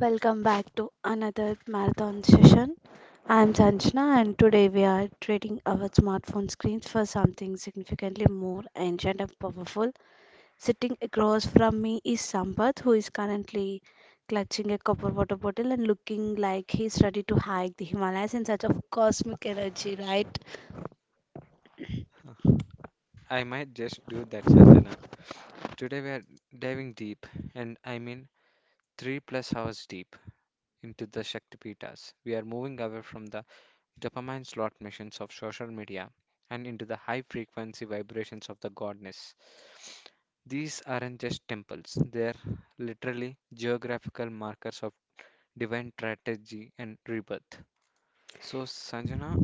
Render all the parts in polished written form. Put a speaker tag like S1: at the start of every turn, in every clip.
S1: Welcome back to another marathon session. I'm Sanjana, and today we are trading our smartphone screens for something significantly more ancient and powerful. Sitting across from me is Sampath, who is currently clutching a copper water bottle and looking like he's ready to hike the Himalayas in search of cosmic energy, right?
S2: I might just do that, Sanjana. Today we are diving deep, and I mean three plus hours deep, into the Shaktipeetas. We are moving away from the dopamine slot machines of social media and into the high frequency vibrations of the godness. These aren't just temples, they're literally geographical markers of divine strategy and rebirth. So, Sanjana,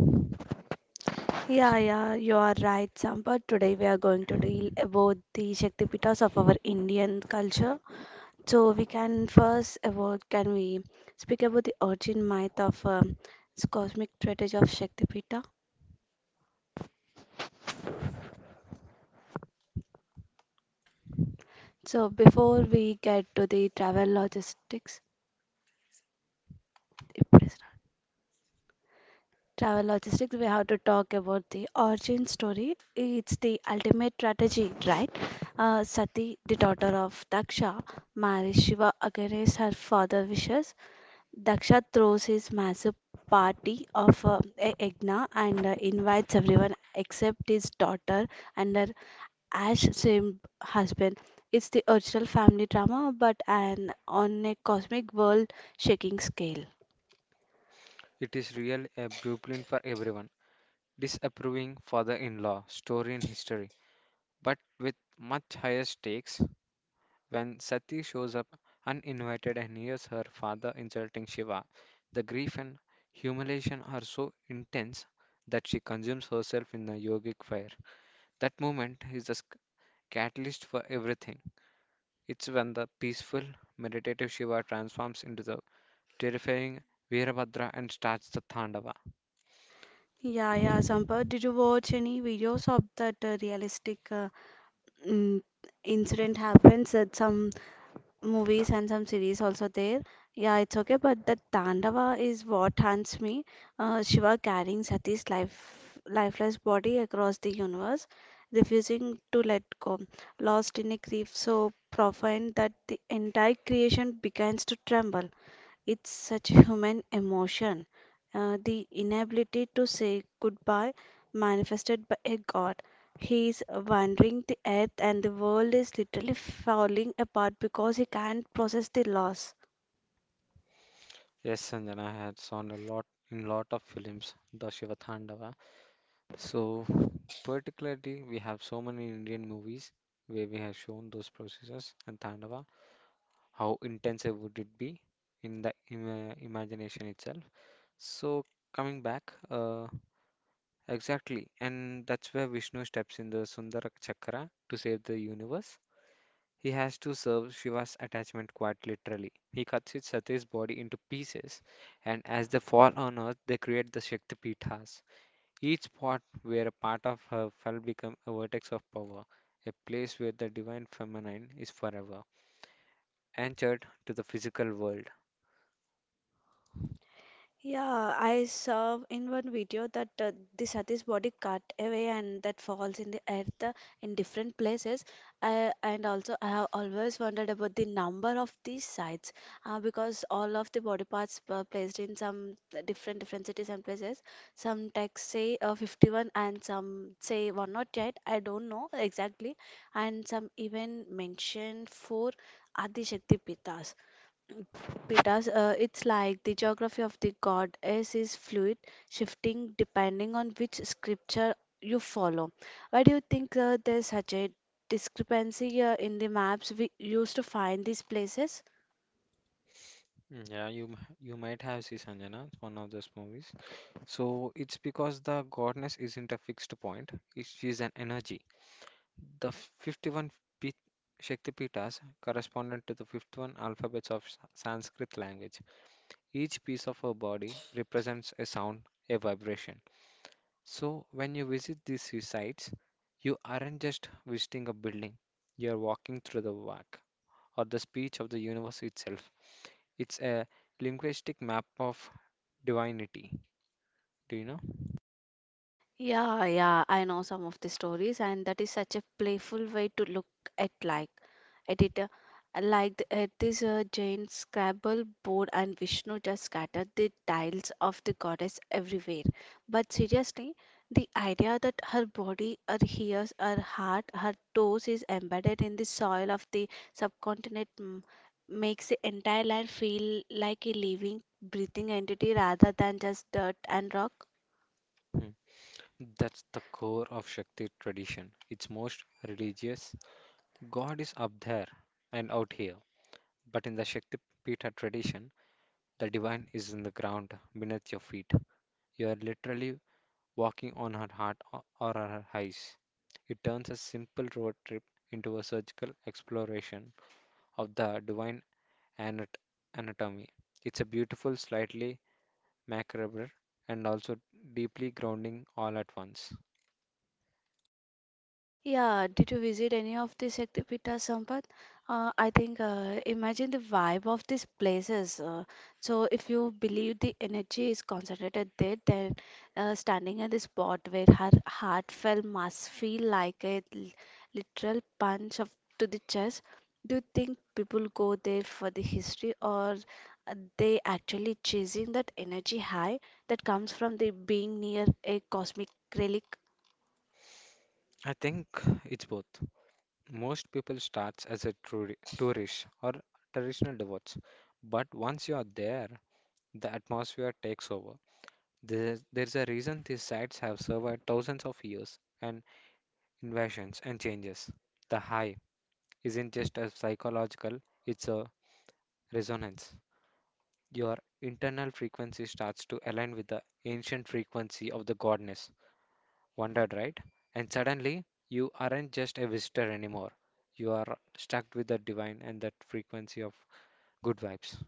S1: Yeah, yeah, you are right, Sampath. Today we are going to deal about the Shaktipitas of our Indian culture. So we can first about, can we speak about the origin myth of this cosmic strategy of Shaktipita? So before we get to the travel logistics, if it is not- travel logistics, we have to talk about the origin story. It's the ultimate strategy, right? Sati, the daughter of Daksha, marries Shiva against her father wishes. Daksha throws his massive party of Yagna and invites everyone except his daughter and her ash same husband. It's the original family drama, but an on a cosmic world shaking scale.
S2: it is really a blueprint for everyone. Disapproving father in law, story and history, but with much higher stakes. When Sati shows up uninvited and hears her father insulting Shiva, the grief and humiliation are so intense that she consumes herself in a yogic fire. That moment is the catalyst for everything. It's when the peaceful, meditative Shiva transforms into the terrifying Virabhadra and starts the Thandava.
S1: Yeah, yeah, Sampath, did you watch any videos of that realistic mm, incident happens at some movies and some series also there? Yeah, it's okay, but the Tandava is what haunts me. Shiva carrying Sati's lifeless body across the universe, refusing to let go, lost in a grief so profound that the entire creation begins to tremble. It's such human emotion. The inability to say goodbye manifested by a god. He is wandering the earth and the world is literally falling apart because he can't process the loss.
S2: Yes, Sanjana had shown a lot in lot of films, the Shiva Thandava. So, particularly, we have so many Indian movies where we have shown those processes and Tandava. How intensive would it be in the imagination itself? So, coming back, exactly, and that's where Vishnu steps in the Sundara Chakra to save the universe. He has to serve Shiva's attachment quite literally. He cuts his Sati's body into pieces, and as they fall on earth, they create the Shakti Pithas, each spot where a part of her fell became a vertex of power, a place where the divine feminine is forever anchored to the physical world.
S1: Yeah, I saw in one video that the Sati's body cut away and that falls in the earth in different places. And also, I have always wondered about the number of these sites because all of the body parts were placed in some different cities and places. Some texts say 51 and some say 108. I don't know exactly. And some even mention four Adi Shakti Pitas. Pitas, it's like the geography of the goddess is fluid, shifting depending on which scripture you follow. Why do you think there's such a discrepancy in the maps we used to find these places?
S2: Mm, yeah, you you might have seen, Sanjana, it's one of those movies. So it's because the goddess isn't a fixed point; she is an energy. The 51 P- Shaktipitas corresponded to the 51 alphabets of Sanskrit language. Each piece of her body represents a sound, a vibration. So, when you visit these sites, you aren't just visiting a building, you are walking through the work or the speech of the universe itself. It's a linguistic map of divinity. Do you know?
S1: Yeah, yeah, I know some of the stories, and that is such a playful way to look at, like, at it. Like at this Jain Scrabble board, and Vishnu just scattered the tiles of the goddess everywhere. But seriously, the idea that her body, her ears, her heart, her toes is embedded in the soil of the subcontinent makes the entire land feel like a living, breathing entity rather than just dirt and rock.
S2: Hmm. That's the core of Shakti tradition. It's most religious. God is up there and out here. But in the Shakti Pita tradition, the divine is in the ground beneath your feet. You are literally walking on her heart or her eyes. It turns a simple road trip into a surgical exploration of the divine anat- anatomy. It's a beautiful, slightly macabre, and also deeply grounding all at once.
S1: Yeah, did you visit any of the Shaktipeeta, Sampath? I think, imagine the vibe of these places. So if you believe the energy is concentrated there, then standing at the spot where her heartfelt must feel like a literal punch of to the chest. Do you think people go there for the history, or they actually chasing that energy high that comes from the being near a cosmic relic?
S2: I think it's both. Most people starts as a tourist or traditional devotees, but once you are there, the atmosphere takes over. There's a reason these sites have survived thousands of years and invasions, and changes. The high isn't just a psychological, it's a resonance. Your internal frequency starts to align with the ancient frequency of the godness. Wondered, right? And suddenly, you aren't just a visitor anymore. You are stuck with the divine and that frequency of good vibes.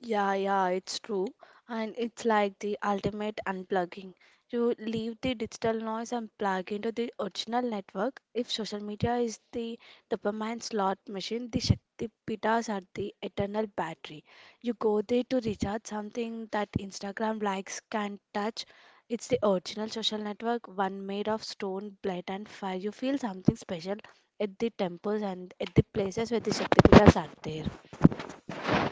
S1: Yeah, yeah, it's true. And it's like the ultimate unplugging. You leave the digital noise and plug into the original network. If social media is the dopamine slot machine, the Shakti Pitas are the eternal battery. You go there to recharge something that Instagram likes can't touch. It's the original social network, one made of stone, blood, and fire. You feel something special at the temples and at the places where the Shakti Pitas are there.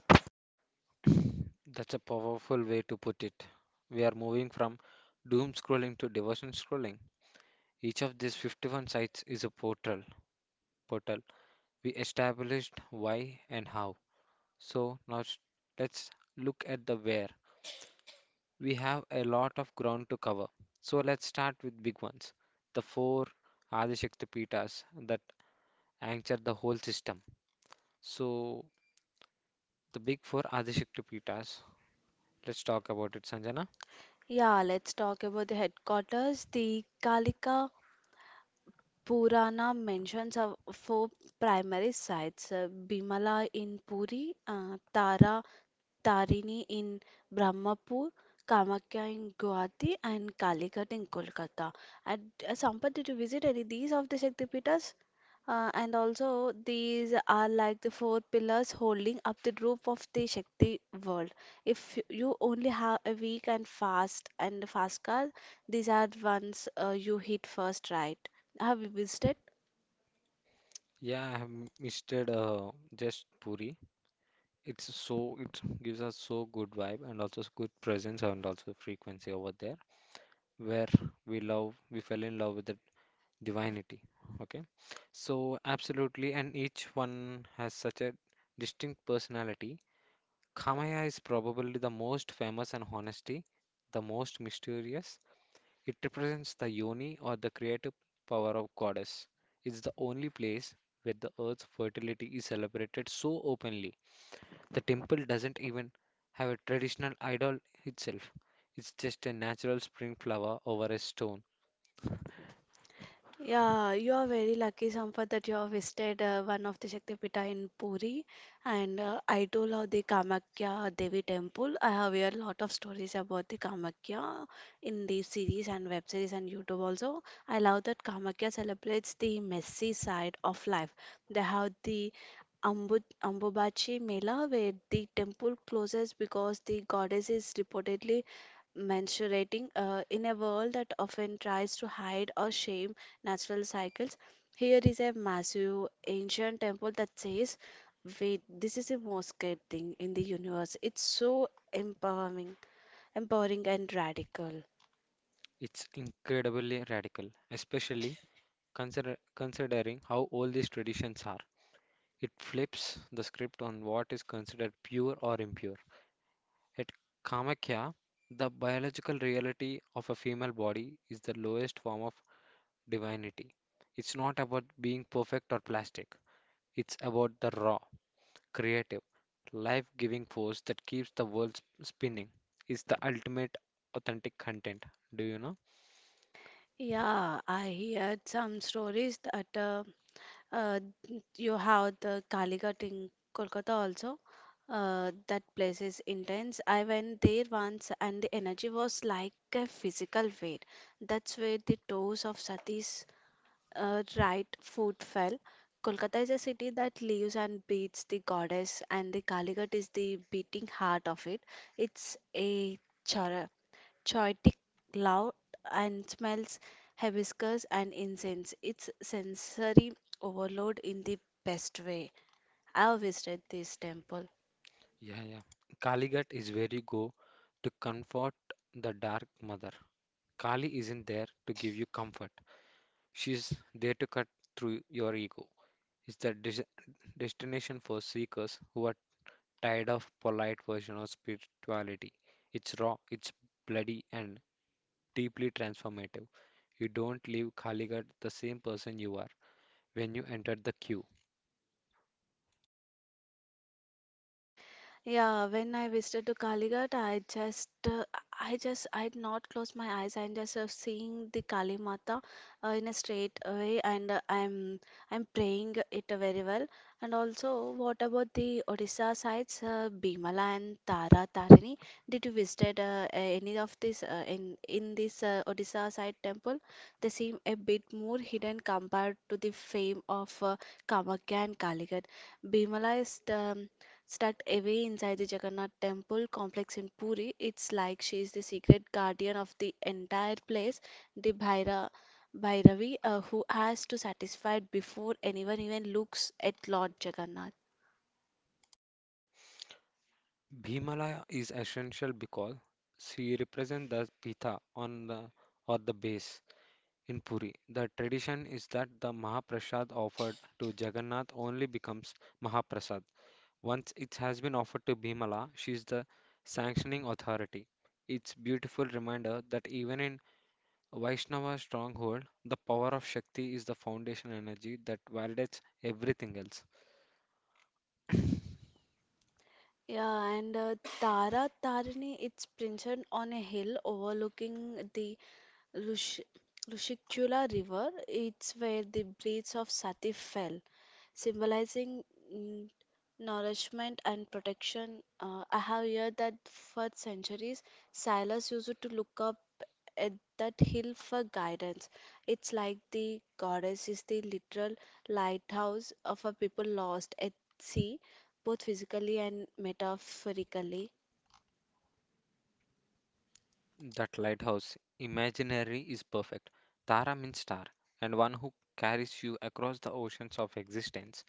S2: That's a powerful way to put it. We are moving from doom scrolling to devotion scrolling. Each of these 51 sites is a portal. We established why and how. So now let's look at the where. We have a lot of ground to cover. So let's start with big ones. The four Adishakti Pitas that anchor the whole system. So the big four Adishakti Pitas. Let's talk about it, Sanjana.
S1: Yeah, let's talk about the headquarters. The Kalika Purana mentions of four primary sites, Bimala in Puri, Tara Tarini in Brahmapur, Kamakya in Guwahati, and Kalighat in Kolkata. And Sampath, did you visit any these of the Shaktipitas? And also, these are like the four pillars holding up the roof of the Shakti world. If you only have a week and fast car, these are the ones you hit first, right? Have you visited?
S2: Yeah, I have misted just Puri. It's so it gives us so good vibe and also good presence and also frequency over there where we fell in love with the divinity. Okay, so absolutely, and each one has such a distinct personality. Kamaya is probably the most famous and honesty the most mysterious. It represents the yoni or the creative power of goddess. It's the only place where the earth's fertility is celebrated so openly. The temple doesn't even have a traditional idol itself. It's just a natural spring flower over a stone.
S1: Yeah, you are very lucky, Sampath, that you have visited one of the Shaktipita in Puri. And I do love the Kamakhya Devi temple. I have heard a lot of stories about the Kamakhya in the series and web series and YouTube also. I love that Kamakhya celebrates the messy side of life. They have the Ambubachi Mela, where the temple closes because the goddess is reportedly menstruating in a world that often tries to hide or shame natural cycles. Here is a massive ancient temple that says, "Wait, this is the most great thing in the universe." It's so empowering, empowering and radical.
S2: It's incredibly radical, especially considering how old these traditions are, it flips the script on what is considered pure or impure. At Kamakya, the biological reality of a female body is the lowest form of divinity. It's not about being perfect or plastic, it's about the raw, creative, life giving force that keeps the world spinning. It's the ultimate authentic content. Do you know?
S1: Yeah, I heard some stories that Uh, you have the Kalighat in Kolkata also. That place is intense. I went there once and the energy was like a physical weight. That's where the toes of Sati's right foot fell. Kolkata is a city that lives and breathes the goddess, and the Kalighat is the beating heart of it. It's a char chaotic, loud, and smells hibiscus and incense. It's sensory overload in the best way. I visited this temple.
S2: Yeah, yeah. Kaligat is where you go to comfort the dark mother. Kali isn't there to give you comfort. She's there to cut through your ego. It's the destination for seekers who are tired of polite version of spirituality. It's raw, it's bloody and deeply transformative. You don't leave Kaligat the same person you are when you enter the queue.
S1: Yeah, when I visited to Kalighat, I just, I did not close my eyes. I'm just seeing the Kali Mata in a straight way, and I'm praying it very well. And also, what about the Odisha sites, Bimala and Tara Tarini? Did you visited any of this in this Odisha side temple? They seem a bit more hidden compared to the fame of Kamakhya and Kalighat. Bimala is the Stuck away inside the Jagannath temple complex in Puri. It's like she is the secret guardian of the entire place, the Bhairavi, who has to satisfy it before anyone even looks at Lord Jagannath.
S2: Bhimalaya is essential because she represents the Pitha on the or the base. In Puri, the tradition is that the Mahaprasad offered to Jagannath only becomes Mahaprasad. Once it has been offered to Bhimala, she is the sanctioning authority. It's beautiful reminder that even in Vaishnava stronghold, the power of Shakti is the foundation energy that validates everything else.
S1: Yeah, and Tara Tarini, it's printed on a hill overlooking the Rush Rushikula River. It's where the breeds of Sati fell, symbolizing mm, nourishment and protection. I have heard that for centuries, sailors used to look up at that hill for guidance. It's like the goddess is the literal lighthouse of a people lost at sea, both physically and metaphorically.
S2: That lighthouse imaginary is perfect. Tara means star, and one who carries you across the oceans of existence.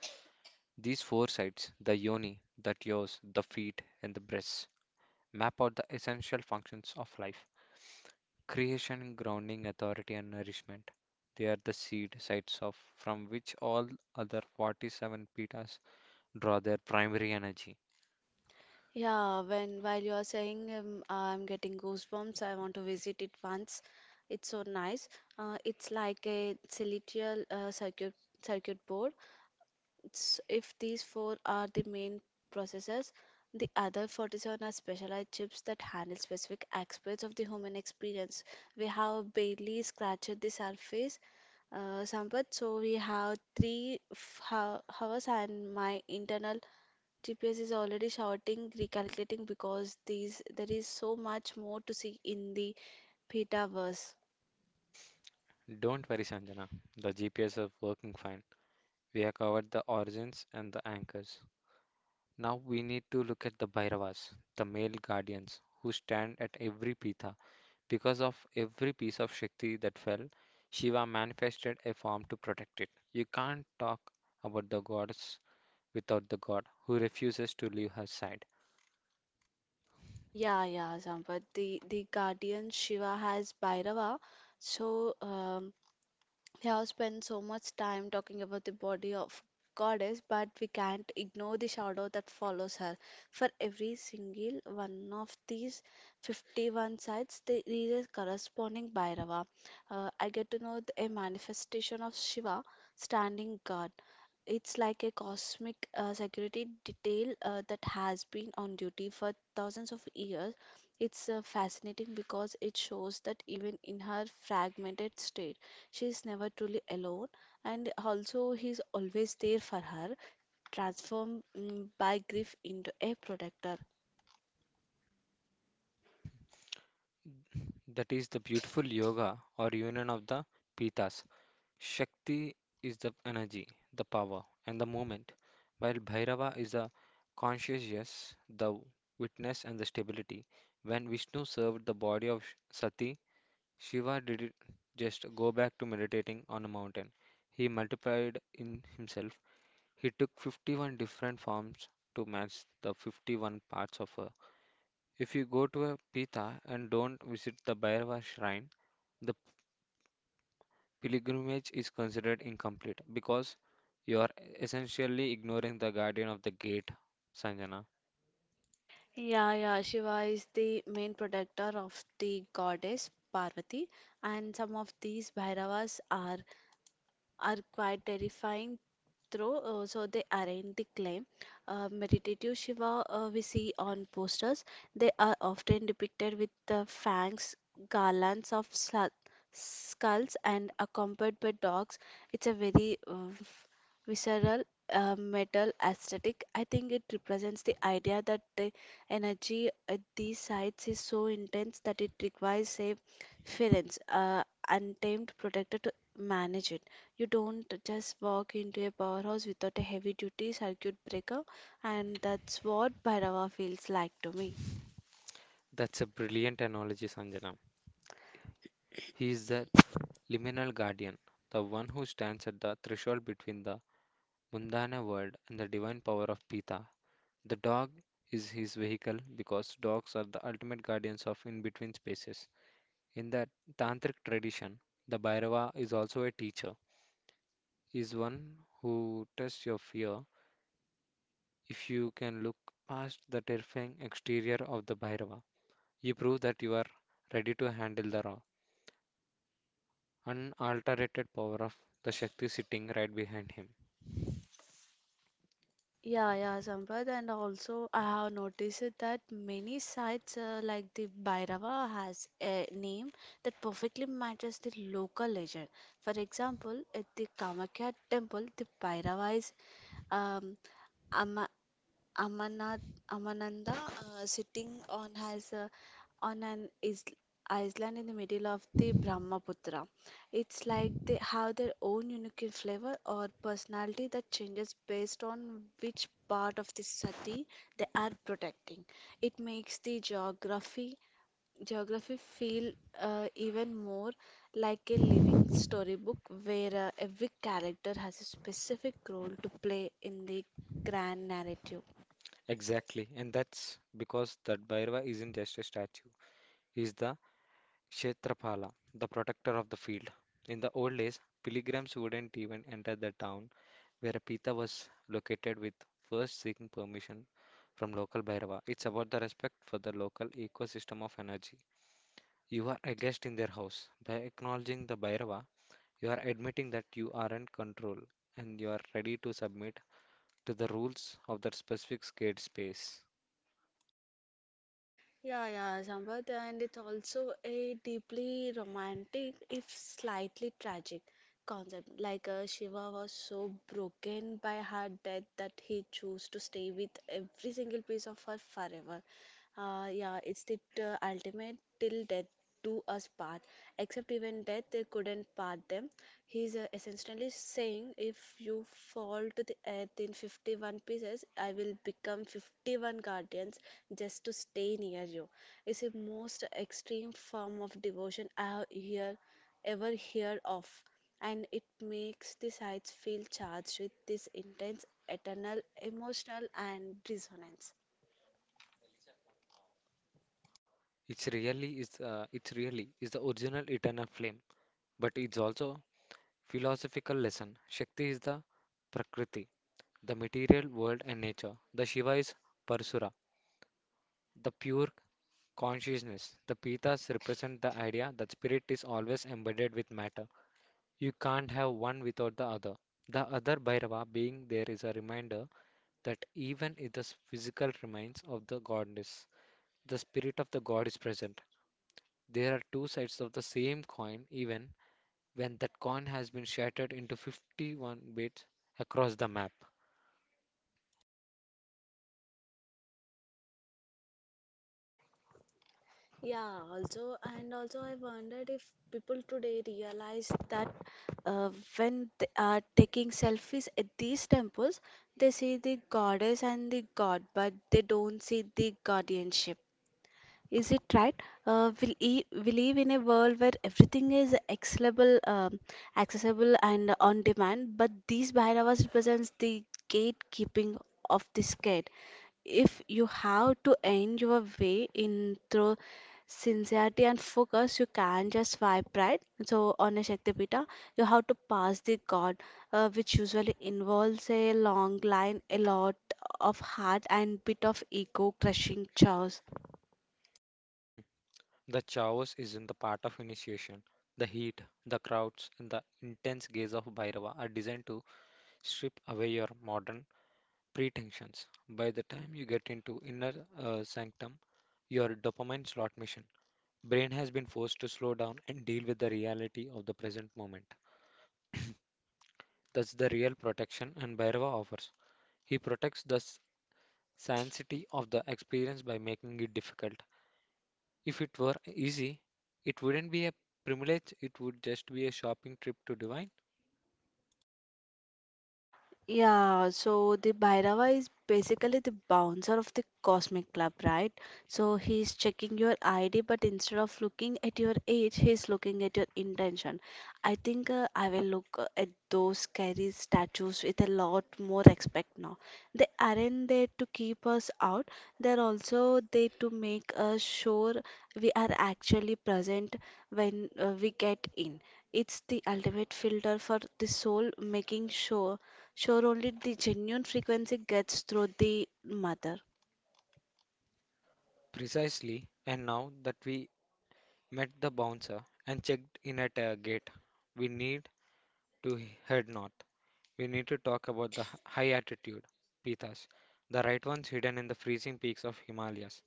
S2: These four sites the yoni, the teats, the feet, and the breasts map out the essential functions of life creation, grounding, authority, and nourishment. They are the seed sites of from which all other 47 pitas draw their primary energy.
S1: Yeah, when while you are saying I'm getting goosebumps, I want to visit it once. It's so nice. It's like a celestial circuit board. It's, if these four are the main processors, the other 47 are specialized chips that handle specific aspects of the human experience. We have barely scratched the surface, Sampath. So we have three hours, and my internal GPS is already shouting recalculating, because these there is so much more to see in the Pitaverse.
S2: Don't worry, Sanjana, the GPS is working fine. We have covered the origins and the anchors. Now we need to look at the Bhairavas, the male guardians who stand at every pitha. Because of every piece of Shakti that fell, Shiva manifested a form to protect it. You can't talk about the goddess without the god who refuses to leave her side.
S1: Yeah, yeah, Sampath. The guardian Shiva has Bhairava. So um, We have spent so much time talking about the body of goddess, but we can't ignore the shadow that follows her. For every single one of these 51 sites, there is a corresponding Bhairava. I get to know a manifestation of Shiva, standing guard. It's like a cosmic security detail that has been on duty for thousands of years. It's fascinating because it shows that even in her fragmented state, she is never truly alone, and also he's always there for her, transformed by grief into a protector.
S2: That is the beautiful yoga or union of the pitas. Shakti is the energy, the power, and the movement, while Bhairava is the consciousness, the witness, and the stability. When Vishnu served the body of Sati, Shiva didn't just go back to meditating on a mountain. He multiplied in himself. He took 51 different forms to match the 51 parts of her. If you go to a Pitha and don't visit the Bhairava shrine, the pilgrimage is considered incomplete because you are essentially ignoring the guardian of the gate, Sanjana.
S1: Yeah, yeah, Shiva is the main protector of the goddess Parvati, and some of these Bhairavas are quite terrifying through, so they arrange the claim. Meditative Shiva we see on posters. They are often depicted with the fangs, garlands of skulls, and accompanied by dogs. It's a very visceral metal aesthetic. I think it represents the idea that the energy at these sites is so intense that it requires a ference, untamed protector to manage it. You don't just walk into a powerhouse without a heavy duty circuit breaker, and that's what Bhairava feels like to me.
S2: That's a brilliant analogy, Sanjana. He is the liminal guardian, the one who stands at the threshold between the Mundana world and the divine power of Pita. The dog is his vehicle because dogs are the ultimate guardians of in between spaces. In the tantric tradition, the Bhairava is also a teacher, is one who tests your fear. If you can look past the terrifying exterior of the Bhairava, you prove that you are ready to handle the raw, unalterated power of the Shakti sitting right behind him.
S1: Yeah, yeah, Sampath, and also I have noticed it that many sites like the Bhairava has a name that perfectly matches the local legend. For example, at the Kamakya temple, the Bhairava is um, Amarnath Amananda sitting on has on an is island in the middle of the Brahmaputra. It's like they have their own unique flavor or personality that changes based on which part of the city they are protecting. It makes the geography feel even more like a living storybook where every character has a specific role to play in the grand narrative.
S2: Exactly, and that's because that Bhairava isn't just a statue. He's the Kshetrapala, the protector of the field. In the old days, pilgrims wouldn't even enter the town where a Pitha was located with first seeking permission from local Bhairava. It's about the respect for the local ecosystem of energy. You are a guest in their house. By acknowledging the Bhairava, you are admitting that you are in control and you are ready to submit to the rules of that specific scared space.
S1: Yeah, yeah, Sampath, and it's also a deeply romantic, if slightly tragic, concept. Like, Shiva was so broken by her death that he chose to stay with every single piece of her forever. Yeah, it's the ultimate till death do us part, except even death they couldn't part them. He's essentially saying if you fall to the earth in 51 pieces I will become 51 guardians just to stay near you. It's the most extreme form of devotion ever heard of, and it makes the sites feel charged with this intense eternal emotional and resonance.
S2: It's really is the original eternal flame, but it's also philosophical lesson. Shakti is the Prakriti, the material world and nature. The Shiva is Parasura, the pure consciousness. The Pitas represent the idea that spirit is always embedded with matter. You can't have one without the other. The other Bhairava being there is a reminder that even if the physical remains of the goddess, the spirit of the god is present. There are two sides of the same coin, even when that coin has been shattered into 51 bits across the map.
S1: Yeah, also, I wondered if people today realize that, uh, when they are taking selfies at these temples, they see the goddess and the god, but they don't see the guardianship. Is it right? We live in a world where everything is accessible, accessible and on demand, but these bhairavas represents the gatekeeping of this gate. If you have to end your way in through sincerity and focus, you can't just swipe right. So on a Shaktipita, you have to pass the god, which usually involves a long line, a lot of heart and bit of ego crushing chores.
S2: The chaos is in the part of initiation. The heat, the crowds, and the intense gaze of Bhairava are designed to strip away your modern pretensions. By the time you get into inner sanctum, your dopamine slot machine, brain has been forced to slow down and deal with the reality of the present moment. That's the real protection and Bhairava offers. He protects the sanctity of the experience by making it difficult. If it were easy, it wouldn't be a privilege, it would just be a shopping trip to Divine.
S1: Yeah, so the Bhairava is basically the bouncer of the Cosmic Club, right? So he's checking your ID, but instead of looking at your age, he's looking at your intention. I think I will look at those scary statues with a lot more respect now. They aren't there to keep us out, they're also there to make us sure we are actually present when we get in. It's the ultimate filter for the soul, making sure only the genuine frequency gets through the mother.
S2: Precisely, and now that we met the bouncer and checked in at a gate, we need to head north. We need to talk about the high altitude pithas, the right ones hidden in the freezing peaks of Himalayas.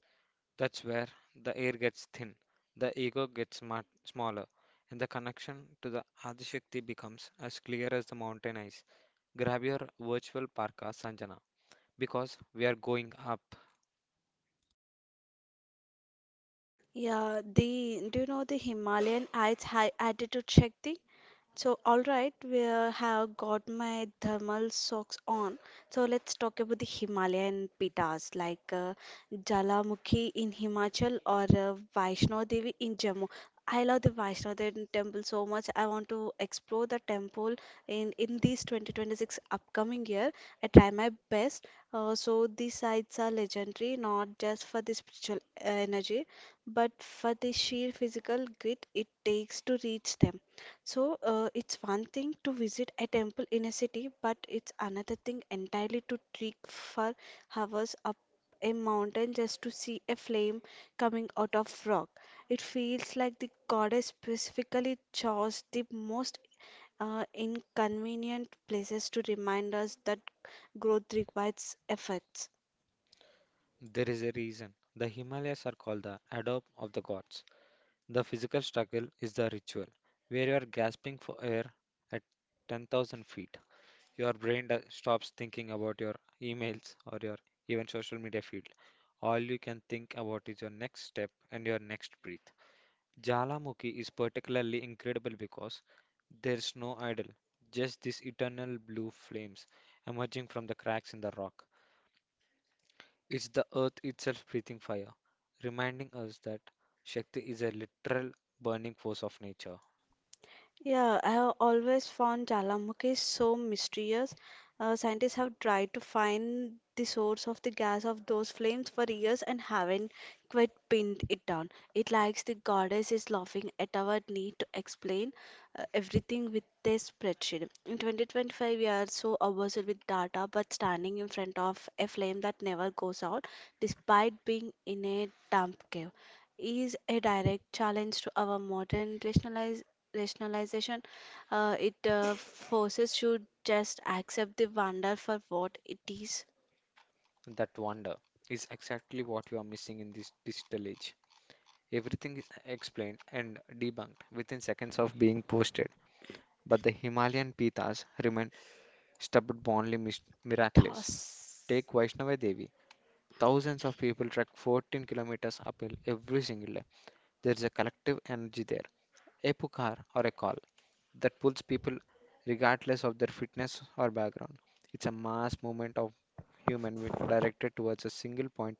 S2: That's where the air gets thin, the ego gets smaller, and the connection to the Adishakti becomes as clear as the mountain ice. Grab your virtual parka, Sanjana, because we are going up.
S1: Yeah, the do you know the Himalayan ice high altitude Shakti? So, all right, we have got my thermal socks on. So, let's talk about the Himalayan pitas like Jalamukhi in Himachal or Vaishno Devi in Jammu. I love the Vaishno Devi temple so much. I want to explore the temple in this 2026 upcoming year. I try my best. So these sites are legendary, not just for the spiritual energy, but for the sheer physical grit it takes to reach them. So, it's one thing to visit a temple in a city, but it's another thing entirely to trek for hours up a mountain just to see a flame coming out of rock. It feels like the goddess specifically chose the most inconvenient places to remind us that growth requires efforts.
S2: There is a reason the Himalayas are called the adobe of the gods. The physical struggle is the ritual, where you are gasping for air at 10,000 feet. Your brain stops thinking about your emails or your even social media feed. All you can think about is your next step and your next breath. Jalamukhi is particularly incredible because there's no idol, just these eternal blue flames emerging from the cracks in the rock. It's the earth itself breathing fire, reminding us that Shakti is a literal burning force of nature.
S1: Yeah, I have always found Jalamukhis so mysterious. Scientists have tried to find the source of the gas of those flames for years and haven't quite pinned it down. It likes the goddess is laughing at our need to explain everything with a spreadsheet. In 2025, we are so obsessed with data, but standing in front of a flame that never goes out, despite being in a damp cave, is a direct challenge to our modern rationalize rationalization. It forces you just accept the wonder for what it is
S2: That wonder is exactly what we are missing in this digital age. Everything is explained and debunked within seconds of being posted, but the Himalayan Pitas remain stubbornly miraculous.
S1: because.
S2: Take Vaishnava Devi. Thousands of people trek 14 kilometers uphill every single day. There is a collective energy there. A pukar or a call, that pulls people regardless of their fitness or background. It's a mass movement of human will directed towards a single point,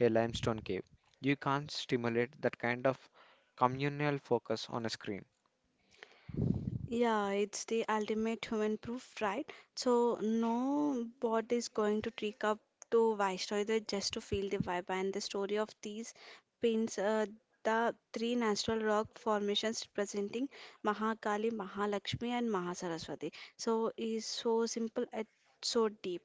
S2: a limestone cave. You can't stimulate that kind of communal focus on a screen.
S1: Yeah, it's the ultimate human proof, right? So no bot is going to trick up to Vaishno either just to feel the vibe. And the story of these pins, the three natural rock formations representing Mahakali, Mahalakshmi, and Mahasaraswati. So is so simple and so deep.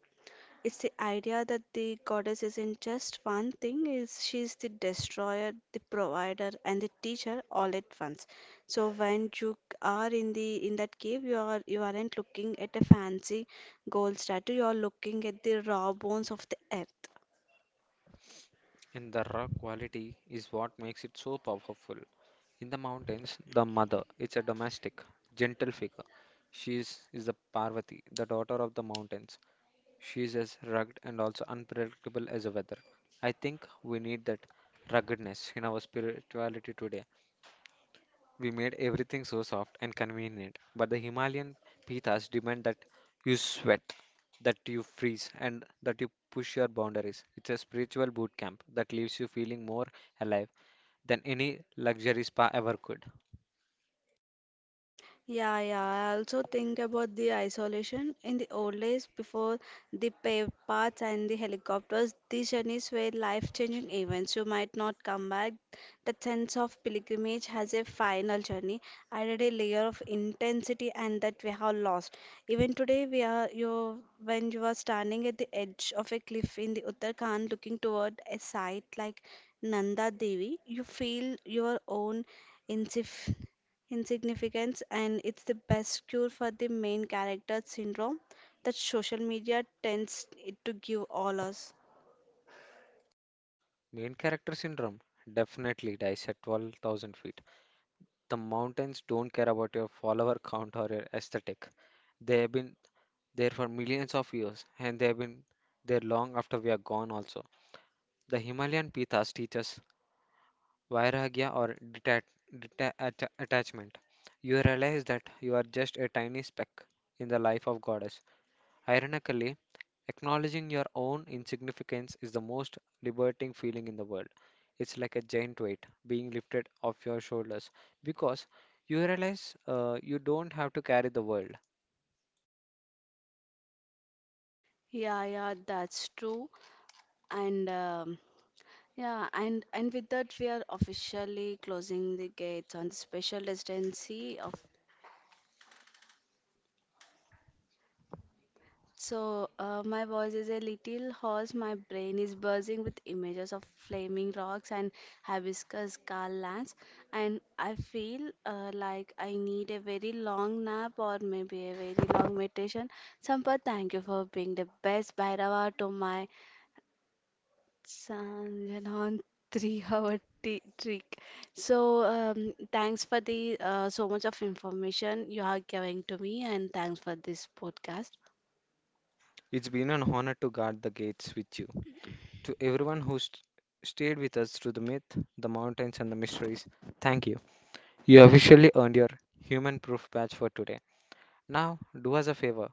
S1: It's the idea that the goddess isn't just one thing, is she's the destroyer, the provider, and the teacher all at once. So when you are in the in that cave, you aren't looking at a fancy gold statue, you are looking at the raw bones of the earth.
S2: And the raw quality is what makes it so powerful. In the mountains, the mother is a domestic, gentle figure. Is the Parvati, the daughter of the mountains. She's as rugged and also unpredictable as the weather. I think we need that ruggedness in our spirituality today. We made everything so soft and convenient, but the Himalayan pithas demand that you sweat, that you freeze, and that you push your boundaries. It's a spiritual boot camp that leaves you feeling more alive than any luxury spa ever could.
S1: Yeah, yeah. I also think about the isolation in the old days before the paved paths and the helicopters. These journeys were life-changing events. You might not come back. That sense of pilgrimage has a final journey added a layer of intensity and that we have lost. Even today, we are you when you are standing at the edge of a cliff in the Uttarakhand looking toward a site like Nanda Devi, you feel your own insif insignificance, and it's the best cure for the main character syndrome that social media tends it to give all us.
S2: Main character syndrome definitely dies at 12,000 feet. The mountains don't care about your follower count or your aesthetic. They have been there for millions of years and they have been there long after we are gone also. The Himalayan Pithas teach us vairagya or attachment. You realize that you are just a tiny speck in the life of goddess. Ironically, acknowledging your own insignificance is the most liberating feeling in the world. It's like a giant weight being lifted off your shoulders because you realize you don't have to carry the world.
S1: Yeah, yeah, that's true. And And with that we are officially closing the gates on the special residency of. My voice is a little hoarse. My brain is buzzing with images of flaming rocks and hibiscus scar lands, and I feel like I need a very long nap or maybe a very long meditation. Sampath, thank you for being the best Bhairava to my Sanjanon, three-hour t trick. So, thanks for the so much of information you are giving to me, and thanks for this podcast.
S2: It's been an honor to guard the gates with you. To everyone who stayed with us through the myth, the mountains, and the mysteries, thank you. You officially earned your human proof badge for today. Now, do us a favor.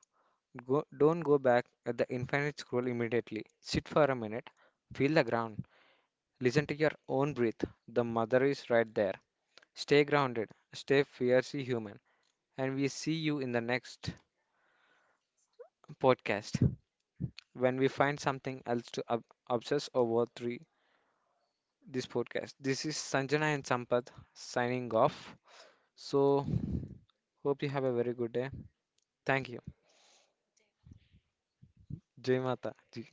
S2: Go, don't go back at the infinite scroll immediately. Sit for a minute, feel the ground, listen to your own breath. The mother is right there. Stay grounded, stay fiercely human, and we see you in the next podcast when we find something else to obsess over three this podcast. This is Sanjana and Sampath signing off. So hope you have a very good day. Thank you. Jai Mata Ji.